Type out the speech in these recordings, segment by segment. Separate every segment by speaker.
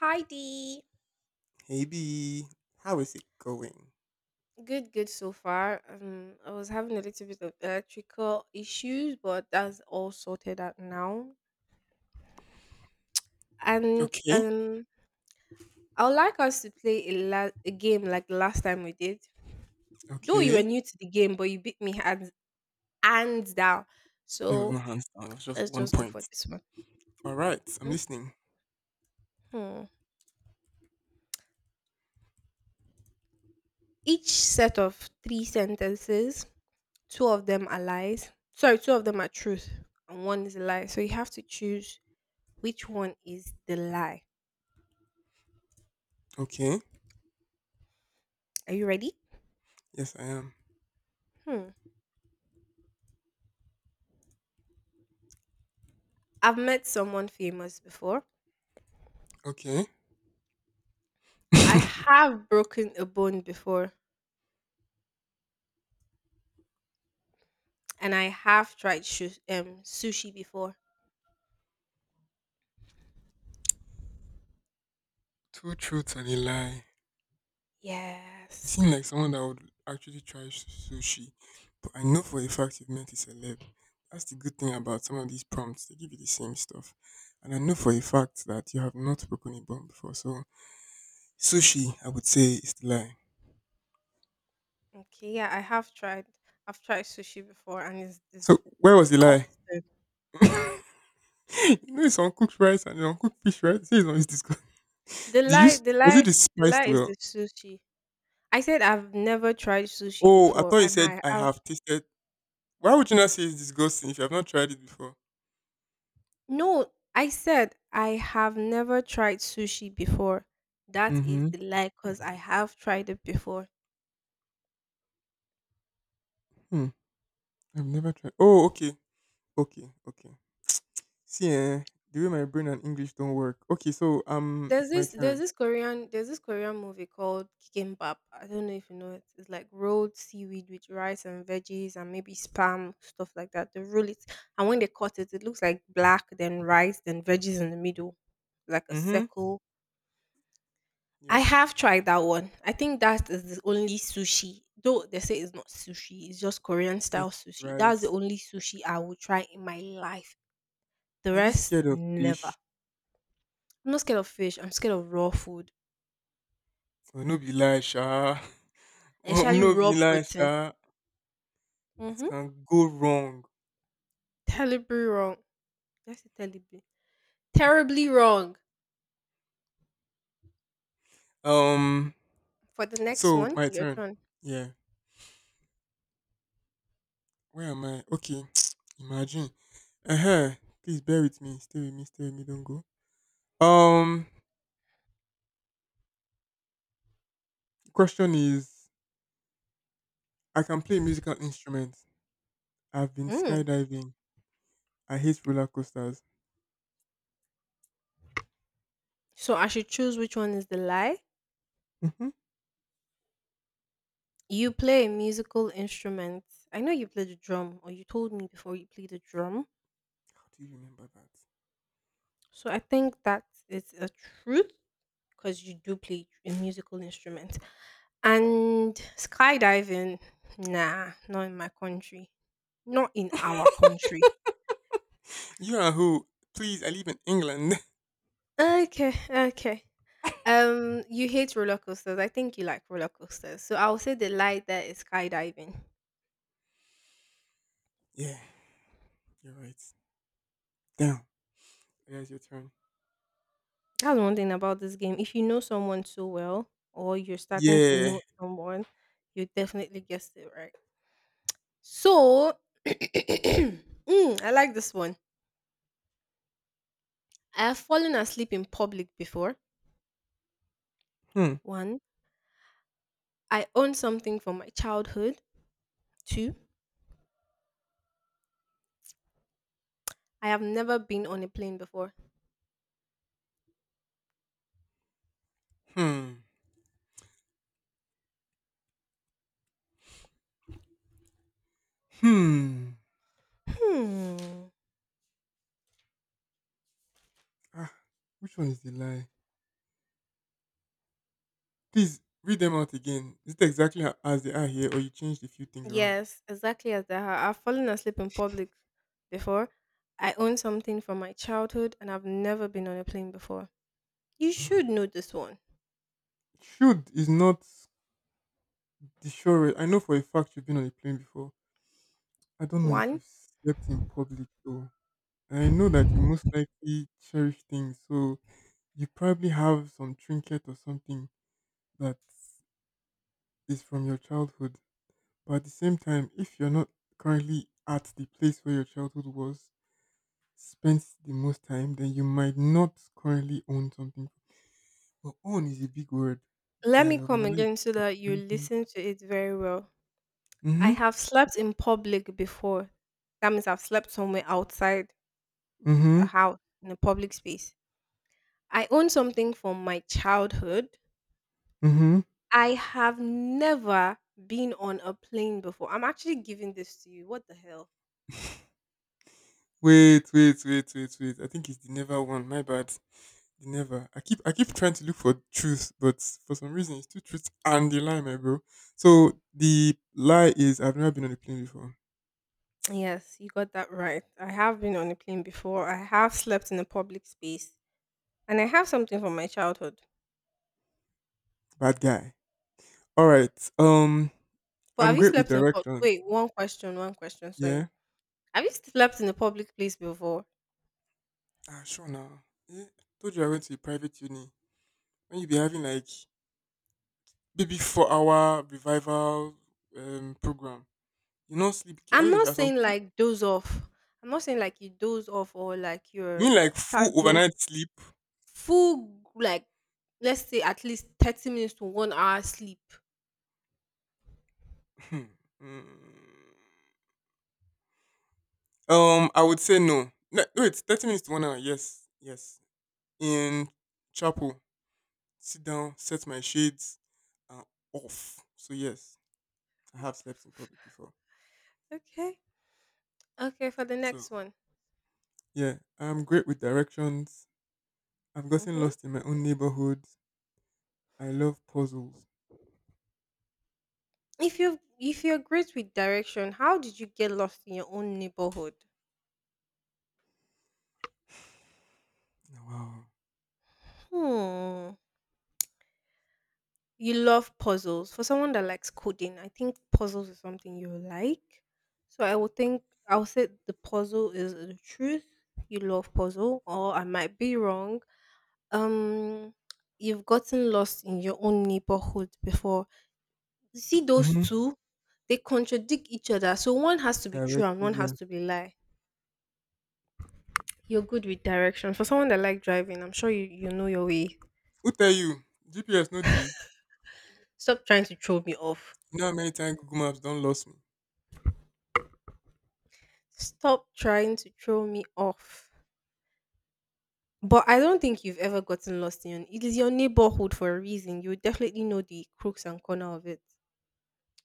Speaker 1: Hi Dee.
Speaker 2: Hey B, how is it going?
Speaker 1: Good, good so far. I was having a little bit of electrical issues, but that's all sorted out now. And
Speaker 2: Okay,
Speaker 1: I would like us to play a game like the last time we did. Though you were
Speaker 2: okay.
Speaker 1: new to the game, but you beat me hands down.
Speaker 2: It was
Speaker 1: So
Speaker 2: not hands down, it was just
Speaker 1: let's
Speaker 2: one
Speaker 1: just go for
Speaker 2: point.
Speaker 1: this one.
Speaker 2: All right, I'm listening.
Speaker 1: Mhm. Each set of three sentences, two of them are lies. Sorry, two of them are truth, and one is a lie. So you have to choose which one is the lie?
Speaker 2: Okay,
Speaker 1: Are you ready?
Speaker 2: yes, I am.
Speaker 1: Hmm. I've met someone famous before.
Speaker 2: Okay.
Speaker 1: I have broken a bone before, and I have tried sushi before.
Speaker 2: Two truths and a lie. You
Speaker 1: Yes.
Speaker 2: seem like someone that would actually try sushi, but I know for a fact you've met a celeb. That's the good thing about some of these prompts, they give you the same stuff. And I know for a fact that you have not broken a bone before, so sushi, I would say, is the lie.
Speaker 1: Okay. Yeah, I have tried. I've tried sushi before, and it's
Speaker 2: So, where was the lie?
Speaker 1: disgusting.
Speaker 2: You know it's uncooked rice and uncooked fish, right? Say it's not disgusting.
Speaker 1: The lie, the
Speaker 2: Was it
Speaker 1: lie,
Speaker 2: the
Speaker 1: the
Speaker 2: spiced
Speaker 1: lie is the
Speaker 2: well?
Speaker 1: sushi. I said I've never tried sushi
Speaker 2: Oh, I
Speaker 1: before,
Speaker 2: thought you
Speaker 1: and
Speaker 2: said
Speaker 1: I
Speaker 2: I
Speaker 1: have.
Speaker 2: have tasted. Why would you not say it's disgusting if you have not tried it before?
Speaker 1: No, I said I have never tried sushi before. That is
Speaker 2: Mm-hmm.
Speaker 1: the lie because I have tried it before.
Speaker 2: Hmm. I've never tried. Oh, okay, okay, okay. See, eh, the way my brain and English don't work. Okay, so
Speaker 1: There's
Speaker 2: it's my
Speaker 1: this there's
Speaker 2: turn.
Speaker 1: this Korean there's this Korean movie called Kikimbap. I don't know if you know it. It's like rolled seaweed with rice and veggies and maybe spam stuff like that. They roll it and when they cut it, it looks like black then rice then veggies in the middle, like a
Speaker 2: Mm-hmm.
Speaker 1: circle. I
Speaker 2: Yeah.
Speaker 1: have tried that one. I think that is the only sushi. Though they say it's not sushi, it's just Korean style
Speaker 2: Since
Speaker 1: sushi. That's the
Speaker 2: rice,
Speaker 1: only sushi I will try in my life. The
Speaker 2: are you
Speaker 1: rest,
Speaker 2: scared of
Speaker 1: never.
Speaker 2: fish?
Speaker 1: I'm not scared of fish. I'm scared of raw food,
Speaker 2: Oh, no be lie, sha. Oh,
Speaker 1: especially
Speaker 2: no
Speaker 1: raw
Speaker 2: be lie,
Speaker 1: protein.
Speaker 2: sha. It
Speaker 1: Mm-hmm.
Speaker 2: can go wrong.
Speaker 1: Terribly wrong. That's terribly, terribly wrong.
Speaker 2: Um,
Speaker 1: For the next
Speaker 2: So
Speaker 1: one,
Speaker 2: my
Speaker 1: your
Speaker 2: turn.
Speaker 1: turn.
Speaker 2: Yeah. Where am I? Okay. Imagine. Uh huh. Please bear with me. Stay with me. Stay with me. Don't go. Um. Question is, I can play musical instruments. I've been
Speaker 1: Mm.
Speaker 2: skydiving. I hate roller coasters.
Speaker 1: So I should choose which one is the lie.
Speaker 2: Mm-hmm.
Speaker 1: You play a musical instrument. I know you play the drum, or you told me before you play the drum.
Speaker 2: How do you remember
Speaker 1: So I think that is a truth because you do play a musical instrument. And skydiving, nah, not in my country. Not in our
Speaker 2: that?
Speaker 1: country.
Speaker 2: You are who? Please, I live in England.
Speaker 1: Okay, okay. You hate roller coasters. I think you like roller coasters. So I will say the light there is skydiving.
Speaker 2: Yeah, you're right. Down. There's your turn.
Speaker 1: That's one thing about this game. If you know someone so well, or you're starting to
Speaker 2: Yeah.
Speaker 1: know someone, you definitely guessed it right. So, I like this one. I have fallen asleep in public before.
Speaker 2: Hmm.
Speaker 1: One, I own something from my childhood. Two, I have never been on a plane before.
Speaker 2: Hmm. Hmm.
Speaker 1: Hmm.
Speaker 2: Ah, which one is the lie? Please read them out again. Is it exactly as they are here, or you changed a few things around?
Speaker 1: Yes, exactly as that. I've fallen asleep in public before. I own something from my childhood and I've never been on a plane before. You should know this one.
Speaker 2: Should is not the surest. I know for a fact you've been on a plane before. I don't know if
Speaker 1: One,
Speaker 2: you've slept in public though. And I know that you most likely cherish things, so you probably have some trinket or something that is from your childhood. But at the same time, if you're not currently at the place where your childhood was spent the most time, then you might not currently own something. But own is a big word.
Speaker 1: let
Speaker 2: Guy,
Speaker 1: me
Speaker 2: you have
Speaker 1: come
Speaker 2: analyzed
Speaker 1: again so that you
Speaker 2: everything.
Speaker 1: listen to it very well. I
Speaker 2: Mm-hmm.
Speaker 1: have slept in public before. That means I've slept somewhere outside a
Speaker 2: Mm-hmm.
Speaker 1: house in a public space. I own something from my childhood.
Speaker 2: Mm-hmm.
Speaker 1: I have never been on a plane before. I'm actually giving this to you. What the hell?
Speaker 2: Wait, wait, wait, wait, wait. I think it's the never one. My bad. The never. I keep trying to look for truth, but for some reason it's two truths and the lie, my bro. So the lie is I've never been on a plane before.
Speaker 1: Yes, you got that right. I have been on a plane before. I have slept in a public space. And I have something from my childhood.
Speaker 2: Bad guy. Alright.
Speaker 1: But
Speaker 2: I'm
Speaker 1: have you
Speaker 2: great with
Speaker 1: slept in a pub?
Speaker 2: directions.
Speaker 1: Wait, one question, sorry.
Speaker 2: Yeah?
Speaker 1: Have you slept in a public place before?
Speaker 2: Ah sure now. Yeah. I told you I went to a private uni. When you be having like maybe 4-hour revival program. You know, sleep.
Speaker 1: I'm
Speaker 2: Anyway, she
Speaker 1: not
Speaker 2: has some.
Speaker 1: saying like doze off. I'm not saying like you doze off or like
Speaker 2: You
Speaker 1: you're
Speaker 2: mean like full
Speaker 1: staggering
Speaker 2: overnight sleep?
Speaker 1: full like let's say at least 30 minutes to 1 hour sleep.
Speaker 2: Hmm. Mm. I would say no. No. Wait, 30 minutes to 1 hour. Yes, yes. In chapel, sit down, set my shades, and off. So yes, I have slept in public before.
Speaker 1: Okay. Okay, for the
Speaker 2: So
Speaker 1: next one.
Speaker 2: yeah, I'm great with directions. I've gotten
Speaker 1: Hmm.
Speaker 2: lost in my own neighborhood. I love puzzles.
Speaker 1: If you're great with direction, how did you get lost in your own neighborhood?
Speaker 2: Wow.
Speaker 1: Hmm. You love puzzles. For someone that likes coding, I think puzzles is something you like. So I would think I would say the puzzle is the truth. You love puzzle, or I might be wrong. Um, you've gotten lost in your own neighborhood before. You see those
Speaker 2: Mm-hmm.
Speaker 1: two, they contradict each other. So one has to be true and
Speaker 2: Directly,
Speaker 1: one has
Speaker 2: yeah.
Speaker 1: to be lie. You're good with directions. For someone that like driving, I'm sure you know your way.
Speaker 2: Who tell you? GPS no dey.
Speaker 1: Stop trying to throw me off.
Speaker 2: You know how many times Google Maps don't lost me?
Speaker 1: Stop trying to throw me off. But I don't think you've ever gotten lost in it is your neighborhood for a reason. You definitely know the crooks and corner of it.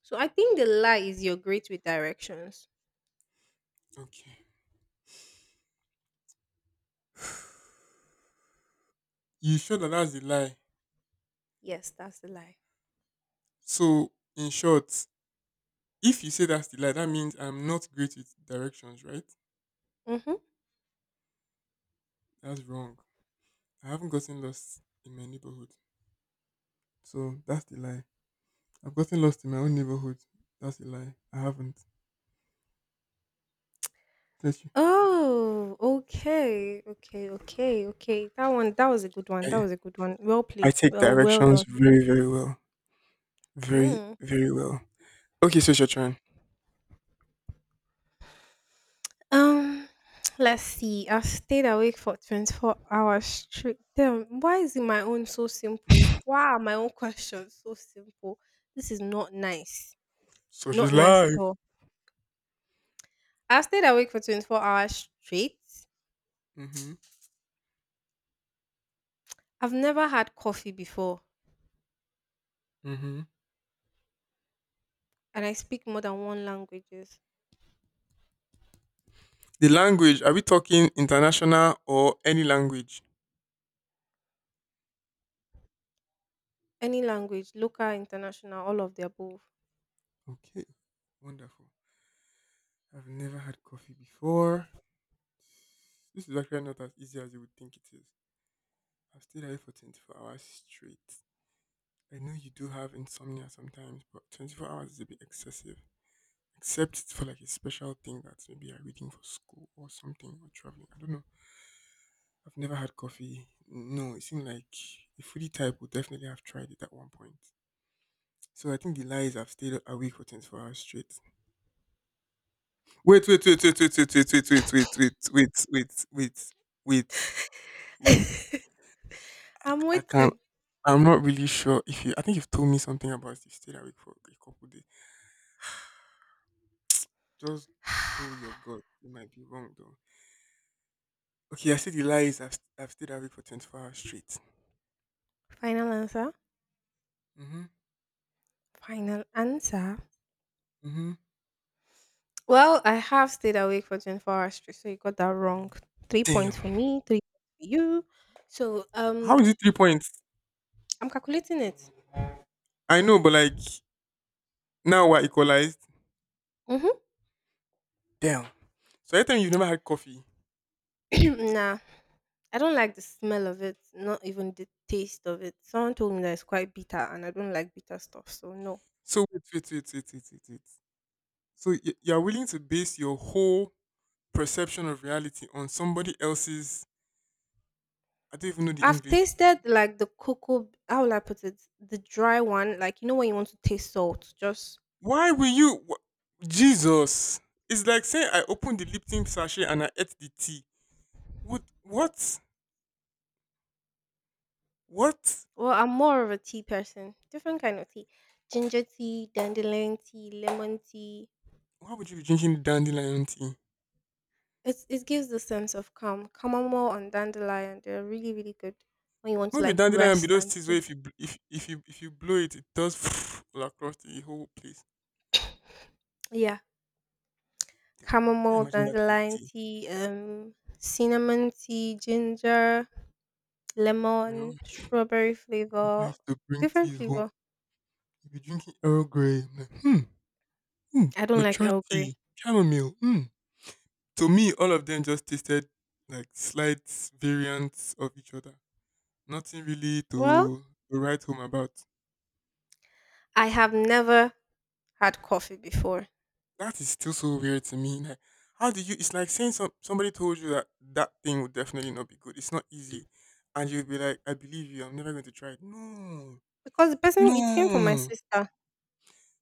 Speaker 1: So I think the lie is you're great with directions.
Speaker 2: Okay. You sure that that's the lie?
Speaker 1: Yes, that's the lie.
Speaker 2: So, in short, if you say that's the lie, that means I'm not great with directions, right?
Speaker 1: Mm-hmm.
Speaker 2: That's wrong. I haven't gotten lost in my neighborhood. So, that's the lie. I've gotten lost in my own neighborhood. That's the lie. I haven't. Bless you.
Speaker 1: Oh, okay. Okay, okay, okay. That one that was a good one. That
Speaker 2: I,
Speaker 1: was a good one. Well
Speaker 2: I
Speaker 1: played.
Speaker 2: take
Speaker 1: Well
Speaker 2: directions
Speaker 1: done.
Speaker 2: very, very well. Very,
Speaker 1: Mm.
Speaker 2: very well. Okay, so it's your turn.
Speaker 1: Um let's see. I stayed awake for 24 hours straight. Damn, why is it my own so simple? Why are my own questions so simple? This is not nice.
Speaker 2: So
Speaker 1: Not
Speaker 2: she's
Speaker 1: nice at
Speaker 2: live.
Speaker 1: all. I stayed awake for 24 hours straight.
Speaker 2: Mm-hmm.
Speaker 1: I've never had coffee before
Speaker 2: Mm-hmm.
Speaker 1: and I speak more than one languages.
Speaker 2: The language, are we talking international or any language?
Speaker 1: Any language, local, international, all of the above.
Speaker 2: Okay, wonderful. I've never had coffee before. This is actually not as easy as you would think it is. I've stayed awake for 24 hours straight. I know you do have insomnia sometimes, but 24 hours is a bit excessive. Except it's for like a special thing that maybe you're reading for school or something or traveling. I don't know. I've never had coffee. No, it seemed like a foodie type would definitely have tried it at one point. So I think the lie is I've stayed awake for 24 hours straight. Wait, wait, wait, wait, wait, wait, wait, wait, wait, wait, wait, wait, wait, wait, wait.
Speaker 1: I'm
Speaker 2: I can't.
Speaker 1: waiting.
Speaker 2: I'm not really sure if you. I think you've told me something about if you stayed awake for a couple days. Just go with your gut. You might be wrong though. Okay, I said the lie is I've stayed awake for 24 hours straight.
Speaker 1: Final answer.
Speaker 2: Mm-hmm.
Speaker 1: Final answer.
Speaker 2: Mm-hmm.
Speaker 1: Well, I have stayed awake for 24 hours straight, so you got that wrong. Three
Speaker 2: Damn.
Speaker 1: points for me, three for you. So
Speaker 2: How is it 3 points?
Speaker 1: I'm calculating it.
Speaker 2: I know, but like now we're equalized. Damn. So every time you've never had coffee.
Speaker 1: Mm-hmm. Nah. I don't like the smell of it, not even the taste of it. Someone told me that it's quite bitter and I don't like bitter stuff, so no.
Speaker 2: So wait, wait, wait, wait, wait, wait, wait. So you're willing to base your whole perception of reality on somebody else's. I don't even know the
Speaker 1: I've
Speaker 2: English.
Speaker 1: tasted like the cocoa how will I put it? The dry one, like you know when you want to taste salt, just...
Speaker 2: Why will you Jesus? It's like saying I opened the Lipton sachet and I ate the tea. What what?
Speaker 1: Well, I'm more of a tea person. Different kind of tea. Ginger tea, dandelion tea, lemon tea.
Speaker 2: Why would you be drinking dandelion tea?
Speaker 1: It's, it gives the sense of calm. Chamomile and dandelion, they're really, really good when you want to
Speaker 2: Not be
Speaker 1: like
Speaker 2: dandelion be
Speaker 1: rest
Speaker 2: those
Speaker 1: and
Speaker 2: teas where
Speaker 1: sleep.
Speaker 2: if you blow it does all across the whole place.
Speaker 1: Yeah.
Speaker 2: Damn, I can't
Speaker 1: Chamomile,
Speaker 2: imagine that in a
Speaker 1: dandelion
Speaker 2: tea.
Speaker 1: tea, cinnamon tea, ginger,
Speaker 2: You know,
Speaker 1: lemon, strawberry
Speaker 2: my papa
Speaker 1: flavor,
Speaker 2: used to bring
Speaker 1: different
Speaker 2: teas home.
Speaker 1: flavol.
Speaker 2: If you're drinking Earl Grey, I'm like, hmm, hmm,
Speaker 1: I don't like
Speaker 2: mature
Speaker 1: Earl
Speaker 2: tea,
Speaker 1: Grey.
Speaker 2: chamomile, hmm. To me, all of them just tasted like slight variants of each other. Nothing really
Speaker 1: Well,
Speaker 2: to write home about.
Speaker 1: I have never had coffee before
Speaker 2: That is still so weird to me. Like, how do you? It's like saying somebody told you that that thing would definitely not be good. It's not easy, and you'd be like, "I believe you. I'm never going to try it." No,
Speaker 1: because the person, it came from my
Speaker 2: no,
Speaker 1: sister.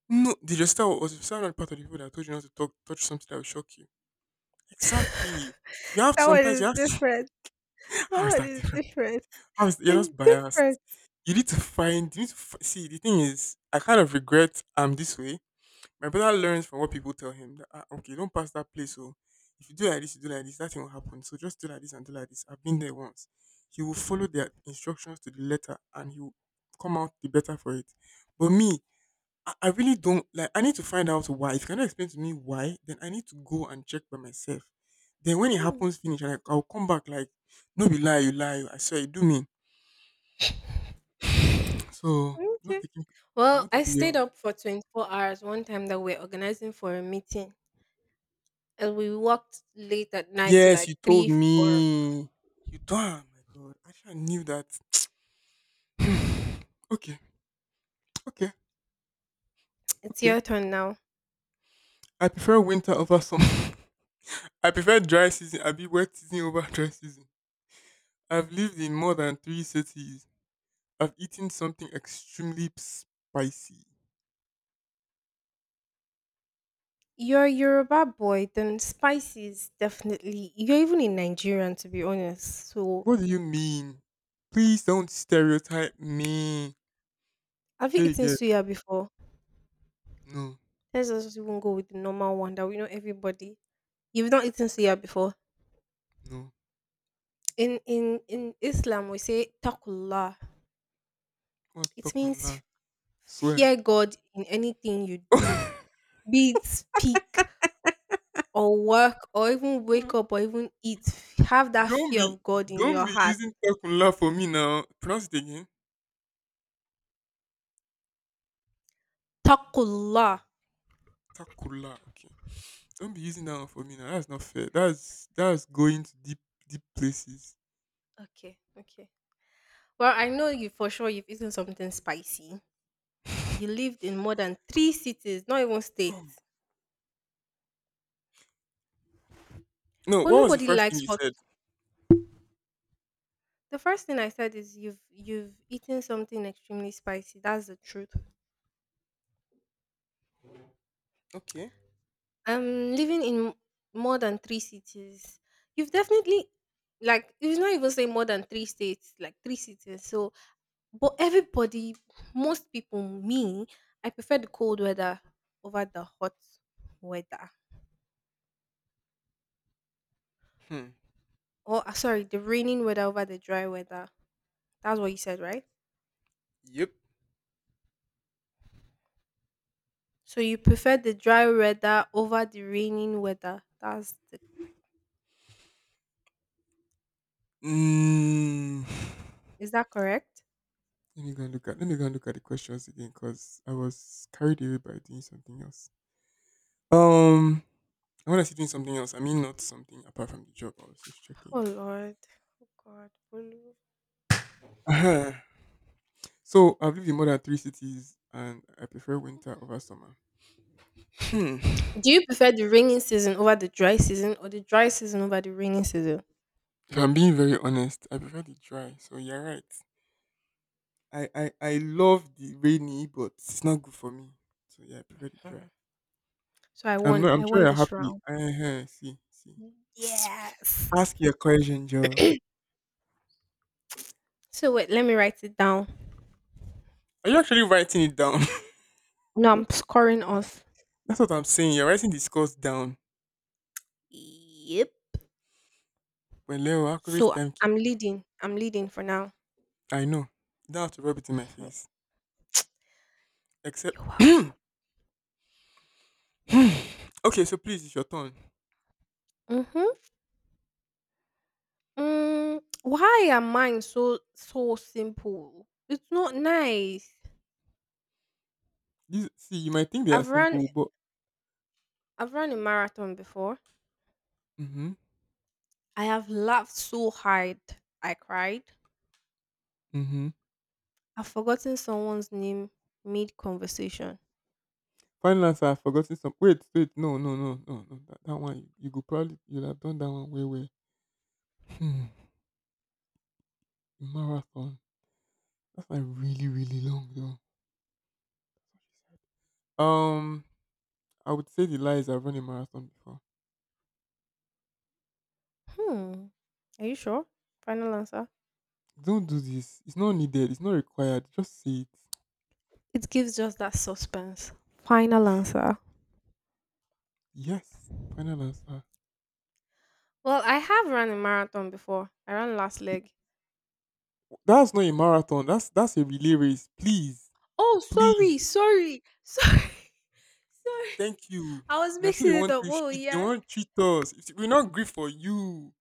Speaker 2: no. Did your style Was your style not part of the people that told you not to talk, touch something that will shock you? Exactly. You have to
Speaker 1: That one
Speaker 2: sometimes
Speaker 1: is
Speaker 2: you have to.
Speaker 1: different. That
Speaker 2: How is
Speaker 1: one
Speaker 2: that
Speaker 1: is
Speaker 2: different?
Speaker 1: different.
Speaker 2: I was You're
Speaker 1: It's
Speaker 2: just biased.
Speaker 1: different.
Speaker 2: You need to find. You need to see. The thing is, I kind of regret I'm this way. My brother learns from what people tell him that ah, okay, don't pass that place. So if you do like this, you do like this. That thing will happen. So just do like this and do like this. I've been there once. He will follow their instructions to the letter, and he will come out the better for it. But me, I really don't like. I need to find out why. If you cannot explain to me why, then I need to go and check by myself. Then when it
Speaker 1: Mm,
Speaker 2: happens, finish, and I'll come back like, no be lie, you lie. Oh, I swear, you do me. So, not
Speaker 1: okay.
Speaker 2: taking. I
Speaker 1: Well,
Speaker 2: want to
Speaker 1: I
Speaker 2: be
Speaker 1: stayed
Speaker 2: your.
Speaker 1: up for 24 hours one time that we are organizing for a meeting. And we walked late at night to
Speaker 2: Yes,
Speaker 1: like
Speaker 2: you
Speaker 1: 3,
Speaker 2: told
Speaker 1: 4.
Speaker 2: me. You don't oh my god. I should have knew that. Okay, okay,
Speaker 1: It's
Speaker 2: okay.
Speaker 1: your turn now.
Speaker 2: I prefer winter over summer. I prefer dry season. I be wet season over dry season. I've lived in more than three cities. I've eaten something extremely spicy.
Speaker 1: You're a Yoruba boy, then spices, definitely. You're even in Nigerian, to be honest. So,
Speaker 2: What do you mean? Please don't stereotype me.
Speaker 1: have you
Speaker 2: Sure you
Speaker 1: eaten
Speaker 2: get
Speaker 1: suya before?
Speaker 2: no,
Speaker 1: Let's just even go with the normal one that we know everybody. You've not eaten suya before.
Speaker 2: no.
Speaker 1: In Islam, we say takullah.
Speaker 2: What's
Speaker 1: It
Speaker 2: talk on
Speaker 1: means
Speaker 2: that? Swear.
Speaker 1: fear God in anything you do, be it speak or work or even wake up or even eat. Have that
Speaker 2: Don't
Speaker 1: fear
Speaker 2: be
Speaker 1: of God in
Speaker 2: don't
Speaker 1: your
Speaker 2: be
Speaker 1: heart.
Speaker 2: using Takula for me now. Pronounce it again.
Speaker 1: Takullah.
Speaker 2: Takula. Okay. Don't be using that one for me now. That's not fair. That's going to deep deep places.
Speaker 1: Okay, okay. Well, I know you for sure you've eaten something spicy. You lived in more than three cities, not even
Speaker 2: Oh.
Speaker 1: states.
Speaker 2: No,
Speaker 1: But
Speaker 2: what was the
Speaker 1: nobody
Speaker 2: first thing
Speaker 1: likes
Speaker 2: you
Speaker 1: hot.
Speaker 2: said?
Speaker 1: The first thing I said is you've eaten something extremely spicy. That's the truth.
Speaker 2: Okay.
Speaker 1: I'm living in more than three cities. You've definitely like it's not even say more than three states, like three cities. So but everybody, most people, me, I prefer the cold weather over the hot weather.
Speaker 2: Hmm.
Speaker 1: Or sorry, the raining weather over the dry weather. That's what you said, right?
Speaker 2: Yep.
Speaker 1: So you prefer the dry weather over the raining weather. That's the,
Speaker 2: Mm.
Speaker 1: is that correct?
Speaker 2: Let me go and look at the questions again because I was carried away by doing something else. Um and when I say doing something else, I mean not something apart from the job. I was just
Speaker 1: Oh
Speaker 2: checking.
Speaker 1: Lord. Oh God.
Speaker 2: So I've lived in more than three cities, and I prefer winter over summer. Hmm.
Speaker 1: Do you prefer the rainy season over the dry season or the dry season over the rainy season?
Speaker 2: If I'm being very honest, I prefer the dry. So you're right. I love the rainy, but it's not good for me. So yeah, I prefer the dry.
Speaker 1: Hmm.
Speaker 2: I'm not. I'm
Speaker 1: I
Speaker 2: sure
Speaker 1: won
Speaker 2: you're
Speaker 1: this
Speaker 2: happy.
Speaker 1: round.
Speaker 2: Uh-huh, see, see.
Speaker 1: Yes.
Speaker 2: Ask your question, Joe.
Speaker 1: So wait, let me write it down.
Speaker 2: Are you actually writing it down?
Speaker 1: No, I'm
Speaker 2: Good.
Speaker 1: scoring off.
Speaker 2: That's what I'm saying. You're writing the scores down.
Speaker 1: Yep.
Speaker 2: Well, Leo, accurate
Speaker 1: So I'm
Speaker 2: timekeeper.
Speaker 1: leading. I'm leading for now.
Speaker 2: I know. You don't have to rub it in my
Speaker 1: Mhm.
Speaker 2: face. Except.
Speaker 1: You're welcome.
Speaker 2: Okay, so please, it's your turn.
Speaker 1: Mm-hmm. Mm, why are mine so simple? It's not nice.
Speaker 2: These, see, you might think they are
Speaker 1: I've run
Speaker 2: simple, but
Speaker 1: I've run a marathon before.
Speaker 2: mm-hmm,
Speaker 1: I have laughed so hard I cried.
Speaker 2: mm-hmm.
Speaker 1: I've forgotten someone's name mid conversation.
Speaker 2: Final answer, I've forgotten some. Wait, wait, no, no, no, no, no. That one, you could probably, you'll have done that one way, way. Hmm. Marathon. That's like really, really long, though. I would say the lies I've run a marathon before.
Speaker 1: Hmm. Are you sure? Final answer?
Speaker 2: Don't do this. It's not needed. It's not required. Just say it.
Speaker 1: It gives just that suspense. Final answer.
Speaker 2: Yes. Final answer.
Speaker 1: Well, I have run a marathon before. I ran last leg.
Speaker 2: That's not a marathon. That's a relay race. Please,
Speaker 1: Oh, sorry,
Speaker 2: please.
Speaker 1: sorry, sorry, sorry.
Speaker 2: Thank you.
Speaker 1: I was
Speaker 2: Now so
Speaker 1: mixing
Speaker 2: they
Speaker 1: it
Speaker 2: want
Speaker 1: up.
Speaker 2: to
Speaker 1: Oh,
Speaker 2: cheat. They
Speaker 1: yeah.
Speaker 2: want to cheat us. It's- We're not grief for you.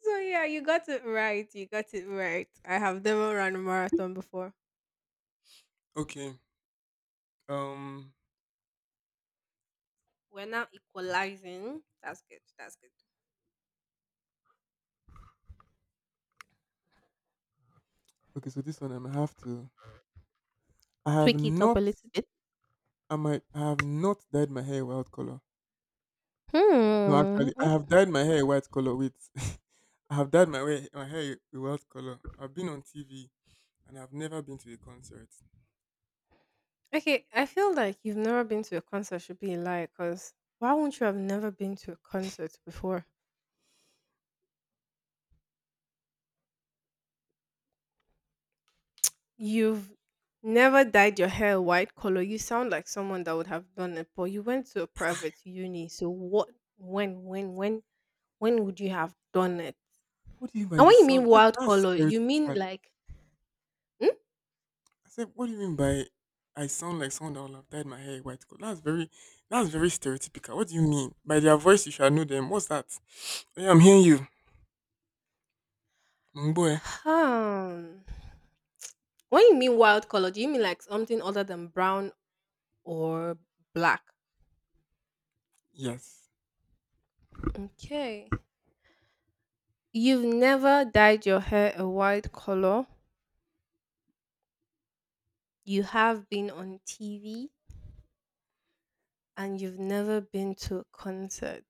Speaker 1: So, yeah, you got it right. You got it right. I have never run a marathon before.
Speaker 2: Okay. Um.
Speaker 1: We're now equalizing. That's good. That's good.
Speaker 2: Okay. So this one I'm have to. I have
Speaker 1: Tweak it up a
Speaker 2: not.
Speaker 1: little bit.
Speaker 2: I might. I have not dyed my hair white color. No,
Speaker 1: Hmm.
Speaker 2: actually, I have dyed my hair a white color. Wait. I have dyed my hair a white color. I've been on TV and I've never been to a concert.
Speaker 1: Okay, I feel like you've never been to a concert should be a lie because why wouldn't you have never been to a concert before? You've never dyed your hair a white color. You sound like someone that would have done it, but you went to a private uni. So what, when, when, when, when would you have done it?
Speaker 2: What do you mean by
Speaker 1: And
Speaker 2: you
Speaker 1: when you mean
Speaker 2: sound?
Speaker 1: wild
Speaker 2: That's
Speaker 1: color, you mean
Speaker 2: stereotypical.
Speaker 1: like,
Speaker 2: I said, what do you mean by I sound like someone that will have dyed my hair white color? That's very stereotypical. What do you mean? By their voice you shall know them. What's that? Oh, yeah, I'm hearing you. Mboe.
Speaker 1: hmm? Um, when you mean wild color, do you mean like something other than brown or black?
Speaker 2: Yes.
Speaker 1: Okay. You've never dyed your hair a white color. You have been on TV and you've never been to a concert.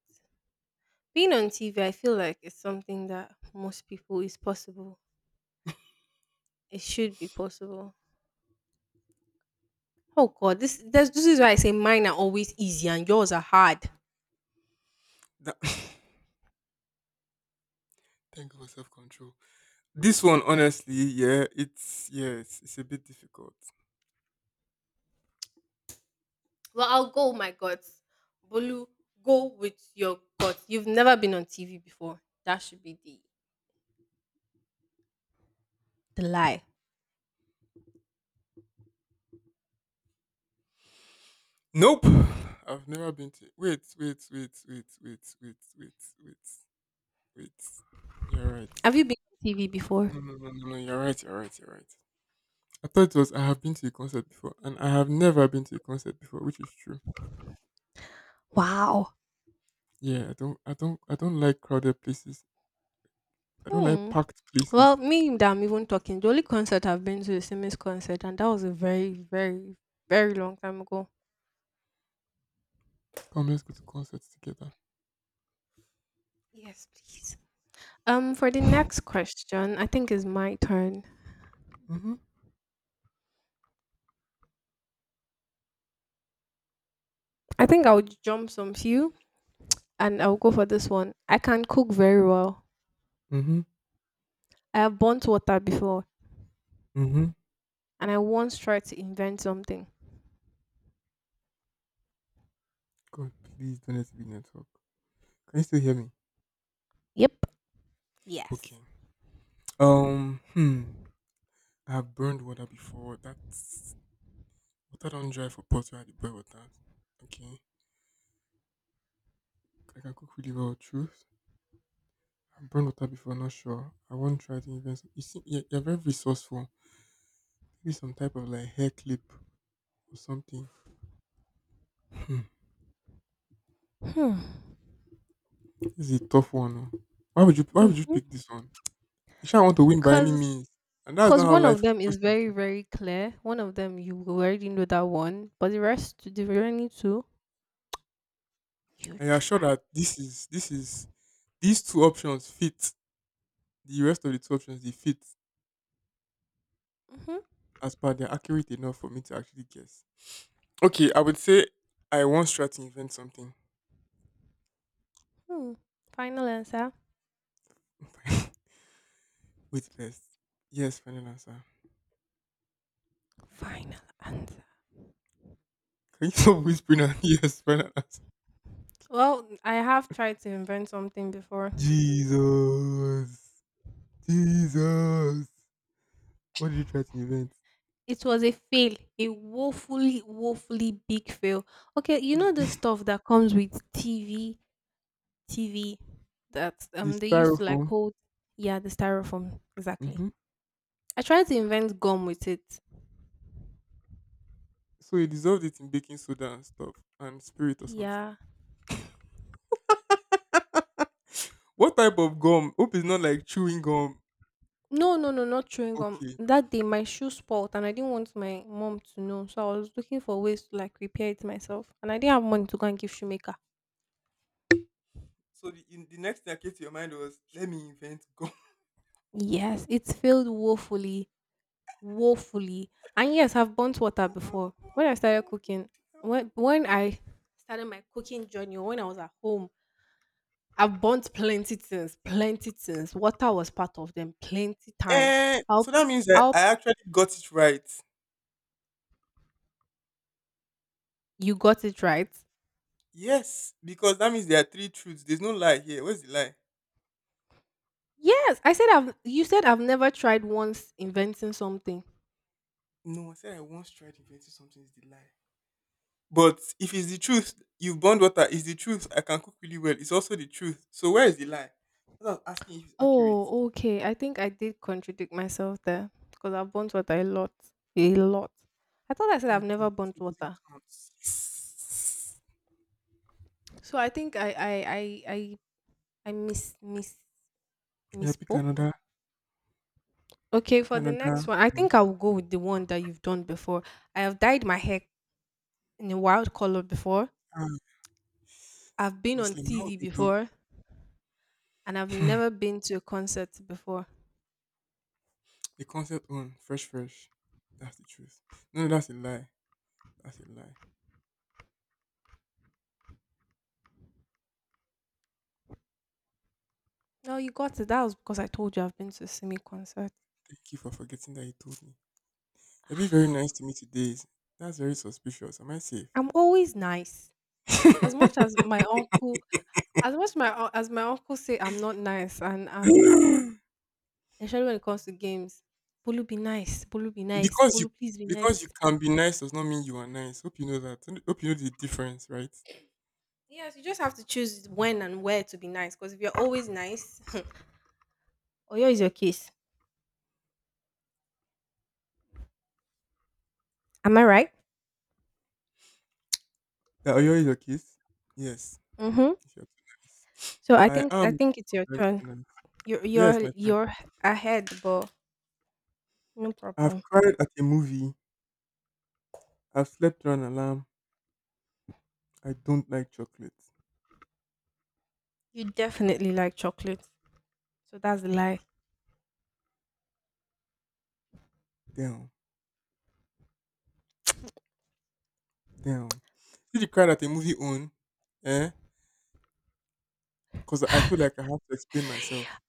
Speaker 1: Being on TV, I feel like it's something that most people is possible. It should be possible. Oh God, this is why I say mine are always easy and yours are hard.
Speaker 2: That, thank you for self control. This one honestly, it's a bit difficult.
Speaker 1: Well, I'll go with my guts. Bolu, go with your guts. You've never been on TV before. That should be the lie.
Speaker 2: Nope. I've never been to wait, wait, wait, wait, wait, wait, wait, wait, wait. You're right.
Speaker 1: Have you been on TV before?
Speaker 2: No, no, no, no, no, you're right, you're right, you're right. I thought it was I have been to a concert before, and I have never been to a concert before, which is true.
Speaker 1: Wow.
Speaker 2: Yeah, I don't like crowded places. I don't like
Speaker 1: Hmm.
Speaker 2: packed
Speaker 1: Well,
Speaker 2: places.
Speaker 1: me that I'm even talking, the only concert I've been to is Simi's concert, and that was a very, very, very long time ago.
Speaker 2: Come, let's go to concerts together.
Speaker 1: Yes, please. For the next question, I think it's my turn.
Speaker 2: Mhm,
Speaker 1: I think I would jump some few, and I'll go for this one. I can cook very well.
Speaker 2: mhm,
Speaker 1: I have burnt water before,
Speaker 2: mhm.
Speaker 1: and I once tried to invent something.
Speaker 2: God, please don't let it be network. Can you still hear me?
Speaker 1: Yep. Yes.
Speaker 2: Okay. Um, hmm. I have burned water before. That's water don't dry for pots where I dey boil water. Okay. I can cook really well. Truth. I've burned water before. Not sure. I won't try to invest. You see, yeah, you're very resourceful. Maybe some type of like hair clip or something. Hmm,
Speaker 1: Hmm.
Speaker 2: this is a tough one. Oh. Why would you pick
Speaker 1: Mm-hmm.
Speaker 2: this one? You sure want to win by any
Speaker 1: Cause
Speaker 2: means. And that's
Speaker 1: Because
Speaker 2: not how
Speaker 1: one of
Speaker 2: life is
Speaker 1: them is
Speaker 2: supposed to
Speaker 1: very,
Speaker 2: be.
Speaker 1: very clear. One of them you already know that one, but the rest, the remaining two, you
Speaker 2: And you're sure
Speaker 1: try.
Speaker 2: that this is these two options fit. The rest of the two options they fit
Speaker 1: Hmm.
Speaker 2: as per they're accurate enough for me to actually guess. Okay, I would say I once tried to invent something
Speaker 1: Hmm. Final answer.
Speaker 2: with best. Yes, final answer.
Speaker 1: Final answer.
Speaker 2: Can you stop whispering? Out, yes, final answer.
Speaker 1: Well, I have tried to invent something before.
Speaker 2: Jesus. Jesus. What did you try to invent?
Speaker 1: It was a fail, a woefully, woefully big fail. Okay, you know the
Speaker 2: The
Speaker 1: stuff that comes with TV, TV that they used to like
Speaker 2: styrofoam.
Speaker 1: hold. Yeah, the styrofoam exactly.
Speaker 2: Hmm.
Speaker 1: I tried to invent gum with it.
Speaker 2: So he dissolved it in baking soda and stuff and spirit or something.
Speaker 1: Yeah.
Speaker 2: What type of gum? Hope it's not like chewing gum.
Speaker 1: No, no, no, not chewing gum.
Speaker 2: Okay.
Speaker 1: That day my shoe spoiled and I didn't want my mom to know. So I was looking for ways to like repair it myself. And I didn't have money to go and give shoemaker.
Speaker 2: So the next thing that came to your mind was, let me invent gum.
Speaker 1: Yes, it failed woefully. Woefully. And yes, I've burnt water before. When I started cooking, when I started my cooking journey, or when I was at home, I've burnt plenty things, plenty things. Water was part of them plenty times.
Speaker 2: Eh,
Speaker 1: I'll
Speaker 2: so that means that
Speaker 1: I'll
Speaker 2: I actually got it right.
Speaker 1: You got it right.
Speaker 2: Yes, because that means there are three truths. There's no lie here. Where's the lie?
Speaker 1: Yes, I said I've you said I've never tried once inventing something.
Speaker 2: No, I said I once tried inventing something is the lie. But if it's the truth, you've burned water, it's the truth. I can cook really well. It's also the truth. So where is the lie? I was asking if it's accurate.
Speaker 1: Oh, okay. I think I did contradict myself there because I've burnt water a lot. A lot. I thought I said I've
Speaker 2: Thank
Speaker 1: never
Speaker 2: God.
Speaker 1: burnt
Speaker 2: It doesn't
Speaker 1: water.
Speaker 2: count. Yes.
Speaker 1: So I think I
Speaker 2: Yeah, pick
Speaker 1: misspoke.
Speaker 2: another,
Speaker 1: Okay,
Speaker 2: pick
Speaker 1: for the
Speaker 2: another
Speaker 1: next one, I
Speaker 2: one.
Speaker 1: think I will go with the one that you've done before. I have dyed my hair in a wild color before.
Speaker 2: Ah,
Speaker 1: I've been on
Speaker 2: Muslim, how would
Speaker 1: TV
Speaker 2: you do
Speaker 1: before, and I've never been to a concert before.
Speaker 2: the concept on fresh fresh? That's the truth. No, that's a lie. That's a lie.
Speaker 1: No, you got it. That was because I told you I've been to a Simi concert.
Speaker 2: Thank you for forgetting that you told me. It'd be very nice to me today. That's very suspicious. Am I safe?
Speaker 1: I'm always nice. As much as my uncle, as my uncle say I'm not nice, and especially when it comes to games, Bolu be nice, Bolu be nice,
Speaker 2: Because you
Speaker 1: Bolu please be
Speaker 2: because you
Speaker 1: nice.
Speaker 2: can be nice does not mean you are nice. Hope you know that. Hope you know the difference, right?
Speaker 1: Yes, you just have to choose when and where to be nice. Because if you're always nice, Oyo is your case. Am I right?
Speaker 2: That Oyo is your case. Yes,
Speaker 1: Mm-hmm.
Speaker 2: if you're too nice.
Speaker 1: So
Speaker 2: I
Speaker 1: I
Speaker 2: am
Speaker 1: think it's your
Speaker 2: sometimes
Speaker 1: turn.
Speaker 2: too nice.
Speaker 1: You're you're
Speaker 2: Yes, my friend.
Speaker 1: you're ahead, but no
Speaker 2: I've
Speaker 1: problem.
Speaker 2: cried at a movie. I've slept through an alarm. I don't like chocolate.
Speaker 1: You definitely like chocolate, so that's the lie.
Speaker 2: Damn, damn. See the cried at a movie on, eh? Because I feel like I have to explain myself.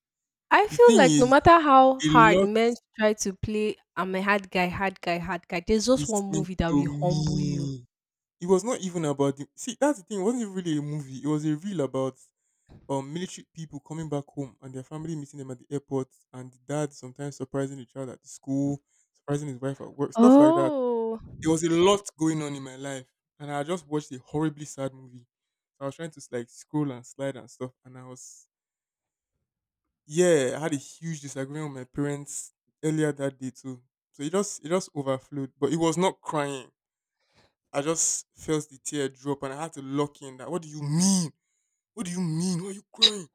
Speaker 1: I
Speaker 2: The
Speaker 1: feel
Speaker 2: thing
Speaker 1: like no
Speaker 2: is,
Speaker 1: matter how
Speaker 2: a
Speaker 1: hard
Speaker 2: lot
Speaker 1: men try to play I'm a hard guy, hard guy, hard guy, there's just one
Speaker 2: listening
Speaker 1: movie that
Speaker 2: to
Speaker 1: will humble you.
Speaker 2: me. It was not even about the see. That's the thing. It wasn't even really a movie. It was a reel about military people coming back home and their family meeting them at the airport, and the dad sometimes surprising the child at the school, surprising his wife at work, stuff like that.
Speaker 1: Oh.
Speaker 2: There was a lot going on in my life, and I just watched a horribly sad movie. So I was trying to like scroll and slide and stuff, and I was yeah, I had a huge disagreement with my parents earlier that day too. So it just overflowed, but it was not crying. I just felt the tear drop and I had to lock in that. What do you mean? What do you mean? Why are you crying?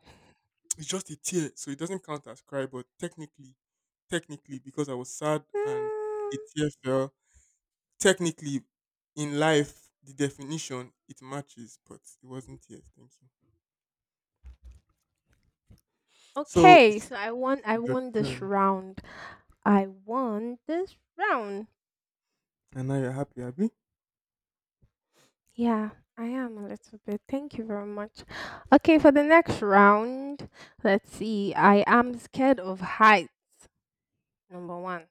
Speaker 2: It's just a tear. So it doesn't count as cry, but technically, technically, because I was sad and
Speaker 1: Mm,
Speaker 2: a tear fell, technically, in life, the definition, it matches, but it wasn't tears. Thank you. So
Speaker 1: okay,
Speaker 2: it's
Speaker 1: so I
Speaker 2: your
Speaker 1: won this
Speaker 2: turn.
Speaker 1: round. I won this round.
Speaker 2: And now you're happy, Abby?
Speaker 1: Yeah, I am a little bit. Thank you very much. Okay, for the next round, let's see. I am scared of height. Number 1.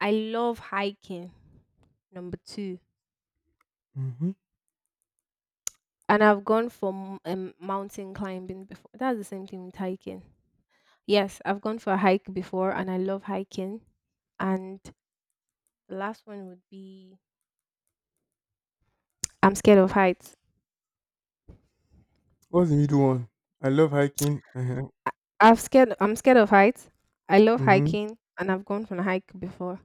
Speaker 1: I love hiking. Number 2.
Speaker 2: Mm-hmm.
Speaker 1: And I've gone for mountain climbing before. That's the same thing with hiking. Yes, I've gone for a hike before, and I love hiking. And the last one would be I'm scared of heights.
Speaker 2: What's the middle one? I love hiking. Uh-huh.
Speaker 1: I'm scared of heights. I love
Speaker 2: Mm-hmm.
Speaker 1: hiking, and I've gone for a hike before.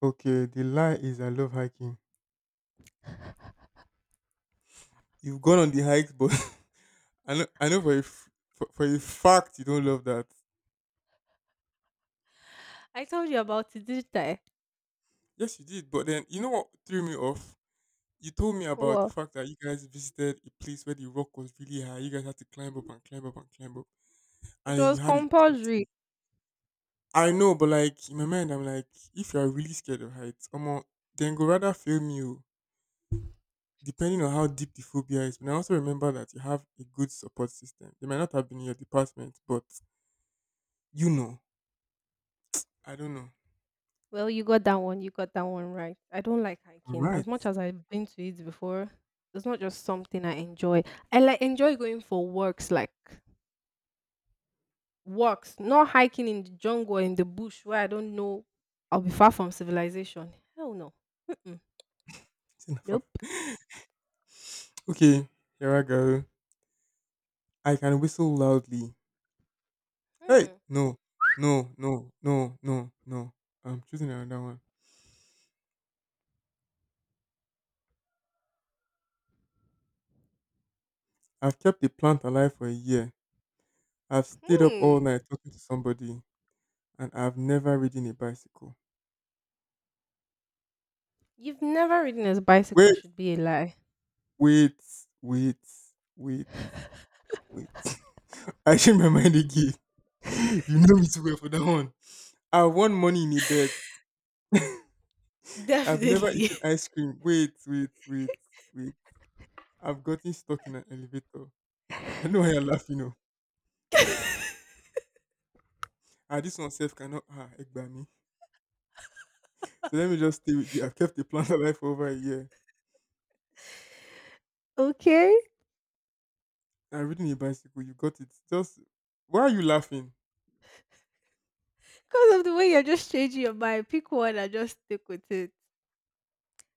Speaker 2: Okay, the lie is I love hiking. You've gone on the hikes, but I know for a, f- for a fact you don't love that.
Speaker 1: I told you about it, didn't I?
Speaker 2: Yes, you did. But then, you know what threw me off? You told me about the
Speaker 1: Well,
Speaker 2: fact that you guys visited a place where the rock was really high. You guys had to climb up and climb up and climb up.
Speaker 1: it
Speaker 2: And then
Speaker 1: was
Speaker 2: you had a
Speaker 1: compulsory.
Speaker 2: party. I know, but like, in my mind, I'm like, if you're really scared of heights, omo, then go rather film you, depending on how deep the phobia is. But I also remember that you have a good support system. They might not have been in your department, but you know. I don't know.
Speaker 1: Well, you got that one. You got that one right. I don't like
Speaker 2: All
Speaker 1: hiking as
Speaker 2: right.
Speaker 1: much as I've been to it before. It's not just something I enjoy. I like enjoy going for walks, like works, not hiking in the jungle or in the bush where I don't know I'll be far from civilization. Hell no. Mm-mm. Nope.
Speaker 2: Okay, here I go. I can whistle loudly. Hey,
Speaker 1: Hmm.
Speaker 2: no, no, no, no, no, no. I'm choosing another one. I've kept a plant alive for a year. I've stayed up all
Speaker 1: Hmm.
Speaker 2: night talking to somebody, and I've never ridden a bicycle.
Speaker 1: You've never ridden a bicycle
Speaker 2: Wait,
Speaker 1: should be a lie.
Speaker 2: wait, wait, wait, wait. I changed my mind again. You know me too well for that one. I won money in a bet. I've never
Speaker 1: Definitely.
Speaker 2: eaten ice cream. Wait, wait, wait, wait. I've gotten stuck in an elevator. I know why you're laughing. Oh. Ah, this one self cannot, ah, egba me. So let me just stay with you. I've kept the plant alive for over a year.
Speaker 1: Okay.
Speaker 2: I'm riding a bicycle. You got it. Just, why are you laughing?
Speaker 1: Because of the way you're just changing your mind. Pick one and just stick with it.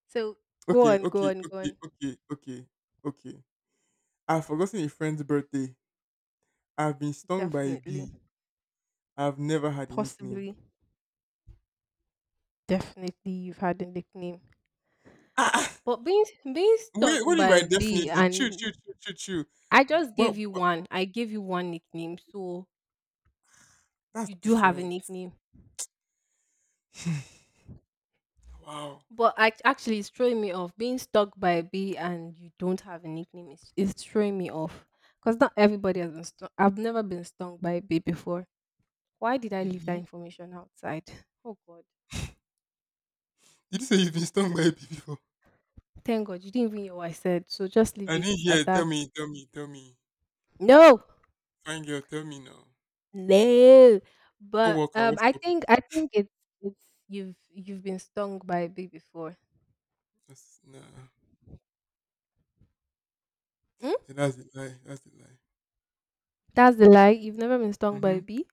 Speaker 1: So go
Speaker 2: Okay,
Speaker 1: on, go
Speaker 2: okay,
Speaker 1: on, go
Speaker 2: okay,
Speaker 1: on.
Speaker 2: okay, okay, okay. I've forgotten a friend's birthday. I've been stung by a
Speaker 1: Definitely.
Speaker 2: bee. I've never had a nickname.
Speaker 1: Possibly. Definitely you've had a nickname.
Speaker 2: Ah, ah,
Speaker 1: But being stuck
Speaker 2: wait, what do you
Speaker 1: by
Speaker 2: mean
Speaker 1: a
Speaker 2: by definitely?
Speaker 1: bee
Speaker 2: Chew,
Speaker 1: and
Speaker 2: chew, chew, chew, chew.
Speaker 1: I just gave
Speaker 2: What,
Speaker 1: you
Speaker 2: what?
Speaker 1: one. I gave you one nickname. So
Speaker 2: That's
Speaker 1: you do have a
Speaker 2: different.
Speaker 1: nickname.
Speaker 2: Wow.
Speaker 1: But actually, it's throwing me off. Being stuck by a bee and you don't have a nickname is, its throwing me off. Because not everybody has been stung. I've never been stung by a bee before. Why did I leave that
Speaker 2: Mhm.
Speaker 1: information outside? Oh, God.
Speaker 2: Did you say you've been stung by a bee before?
Speaker 1: Thank God you didn't even hear what I said. So just leave
Speaker 2: I
Speaker 1: it
Speaker 2: didn't
Speaker 1: at
Speaker 2: hear. Tell
Speaker 1: that.
Speaker 2: me, tell me, tell me.
Speaker 1: No,
Speaker 2: Fine girl, tell me now.
Speaker 1: no. But
Speaker 2: Coworker, what's
Speaker 1: I
Speaker 2: up with
Speaker 1: think
Speaker 2: you?
Speaker 1: it's you've been stung by a bee before.
Speaker 2: That's nah.
Speaker 1: Hmm?
Speaker 2: Yeah, that's a lie. That's a lie.
Speaker 1: That's the lie. You've never been stung by
Speaker 2: Mm-hmm.
Speaker 1: a bee.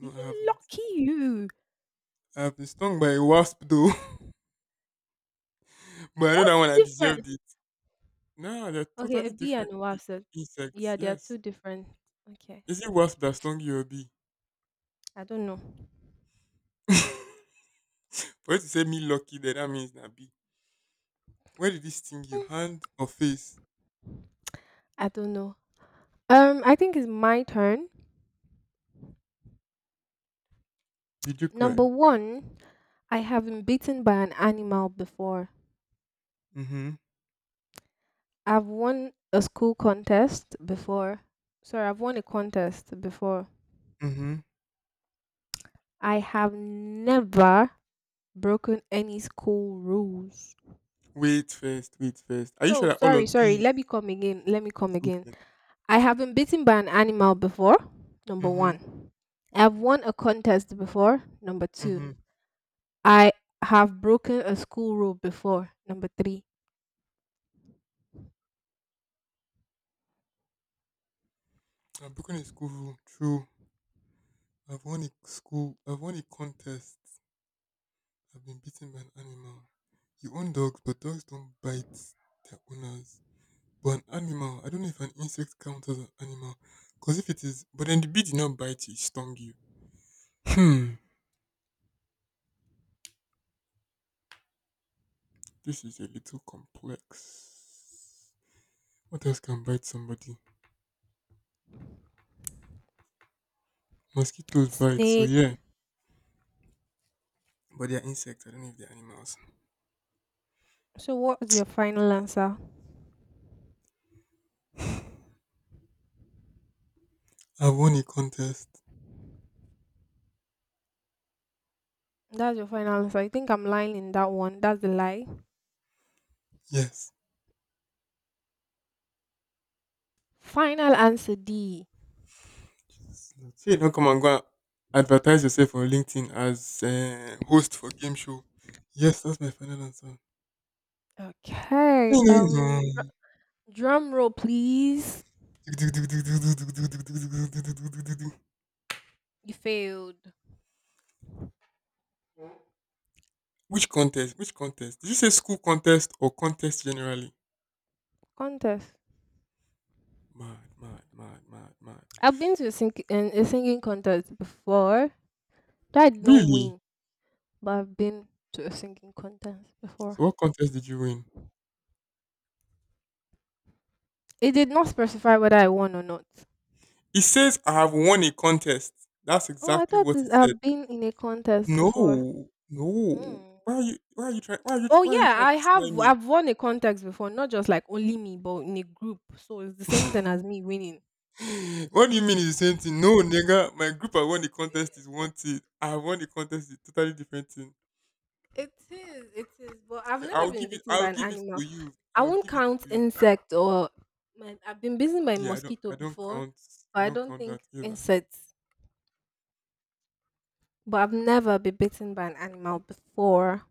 Speaker 1: You
Speaker 2: I haven't.
Speaker 1: lucky you.
Speaker 2: I've been stung by a wasp though, but I know that
Speaker 1: What's
Speaker 2: one I
Speaker 1: different?
Speaker 2: deserved it. Nah, they're
Speaker 1: Okay, a
Speaker 2: totally
Speaker 1: bee and
Speaker 2: different
Speaker 1: a wasp. So-
Speaker 2: insects.
Speaker 1: yeah, they are two
Speaker 2: Yes.
Speaker 1: different. Okay,
Speaker 2: Is it wasp that stung you or bee?
Speaker 1: I don't know.
Speaker 2: For you to say me lucky, then that means not bee. Where did this sting you?
Speaker 1: Hmm,
Speaker 2: Hand or face?
Speaker 1: I don't know. I think it's my turn.
Speaker 2: Did you
Speaker 1: Number
Speaker 2: cry?
Speaker 1: one, I have been beaten by an animal before.
Speaker 2: Mm-hmm.
Speaker 1: I've won a school contest before. Sorry, I've won a contest before.
Speaker 2: Mm-hmm.
Speaker 1: I have never broken any school rules.
Speaker 2: Wait first. Wait first. Are you
Speaker 1: So
Speaker 2: sure that all
Speaker 1: sorry,
Speaker 2: of
Speaker 1: sorry.
Speaker 2: these?
Speaker 1: Let me come again. Let me come again.
Speaker 2: Okay.
Speaker 1: I have been bitten by an animal before. Number
Speaker 2: Mm-hmm.
Speaker 1: one. I have won a contest before. Number two.
Speaker 2: Mm-hmm.
Speaker 1: I have broken a school rule before. Number three.
Speaker 2: I've broken a school rule. True. I've won a school. I've won a contest. I've been bitten by an animal. You own dogs, but dogs don't bite their owners. But an animal, I don't know if an insect counts as an animal. Because if it is, but then the bee did not bite you, it stung you. Hmm. This is a little complex. What else can bite somebody? Mosquitoes bite, so
Speaker 1: Snake.
Speaker 2: yeah. But they are insects. I don't know if they're animals.
Speaker 1: So, what is your final answer?
Speaker 2: I've won a contest.
Speaker 1: That's your final answer. I think I'm lying in that one. That's the lie.
Speaker 2: Yes.
Speaker 1: Final answer D.
Speaker 2: So you don't come and go and advertise yourself on LinkedIn as host for game show. Yes, that's my final answer.
Speaker 1: Okay. Drum roll, please. You failed.
Speaker 2: Which contest? Which contest? Did you say school contest or contest generally?
Speaker 1: Contest.
Speaker 2: Mad, mad, mad, mad, mad.
Speaker 1: I've been to a a singing contest before. That I did not
Speaker 2: Really?
Speaker 1: win. But I've been to a singing contest
Speaker 2: So
Speaker 1: before.
Speaker 2: what contest did you win?
Speaker 1: It did not specify whether I won or not.
Speaker 2: It says I have won a contest. That's
Speaker 1: Oh, I
Speaker 2: exactly
Speaker 1: thought
Speaker 2: what
Speaker 1: it's,
Speaker 2: it said.
Speaker 1: I've been in a contest before.
Speaker 2: No, no.
Speaker 1: Hmm.
Speaker 2: Why are you? Why are you trying? Why are you? Tr-
Speaker 1: Oh
Speaker 2: Why are you
Speaker 1: yeah,
Speaker 2: trying to
Speaker 1: I
Speaker 2: slime
Speaker 1: have.
Speaker 2: me?
Speaker 1: I've won a contest before, not just like only me, but in a group. So it's the same thing as me winning.
Speaker 2: What do you mean it's the same thing? No, nigga, my group I won the contest is one thing. I won the contest is totally different thing.
Speaker 1: It is. It is. But I've never been bitten
Speaker 2: I'll
Speaker 1: by an
Speaker 2: give it to
Speaker 1: animal.
Speaker 2: you.
Speaker 1: I
Speaker 2: I'll
Speaker 1: won't
Speaker 2: give it to
Speaker 1: count
Speaker 2: you.
Speaker 1: insect or my, I've been bitten by a
Speaker 2: Yeah,
Speaker 1: mosquito
Speaker 2: I don't
Speaker 1: before,
Speaker 2: count.
Speaker 1: but
Speaker 2: I
Speaker 1: I
Speaker 2: don't
Speaker 1: don't
Speaker 2: count
Speaker 1: think
Speaker 2: that either.
Speaker 1: insects. But I've never been bitten by an animal before.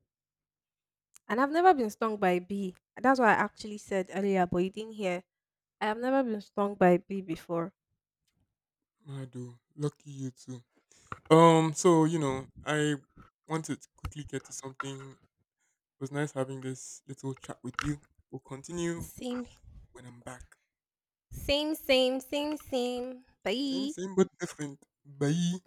Speaker 1: And I've never been stung by a bee. That's what I actually said earlier, but you didn't hear. I have never been stung by a bee before.
Speaker 2: I do. Lucky you too. So you know, I wanted to quickly get to something. It was nice having this little chat with you. We'll continue
Speaker 1: Same,
Speaker 2: when I'm back.
Speaker 1: same, same, same, same.
Speaker 2: Same,
Speaker 1: Bye.
Speaker 2: same, but different. Bye.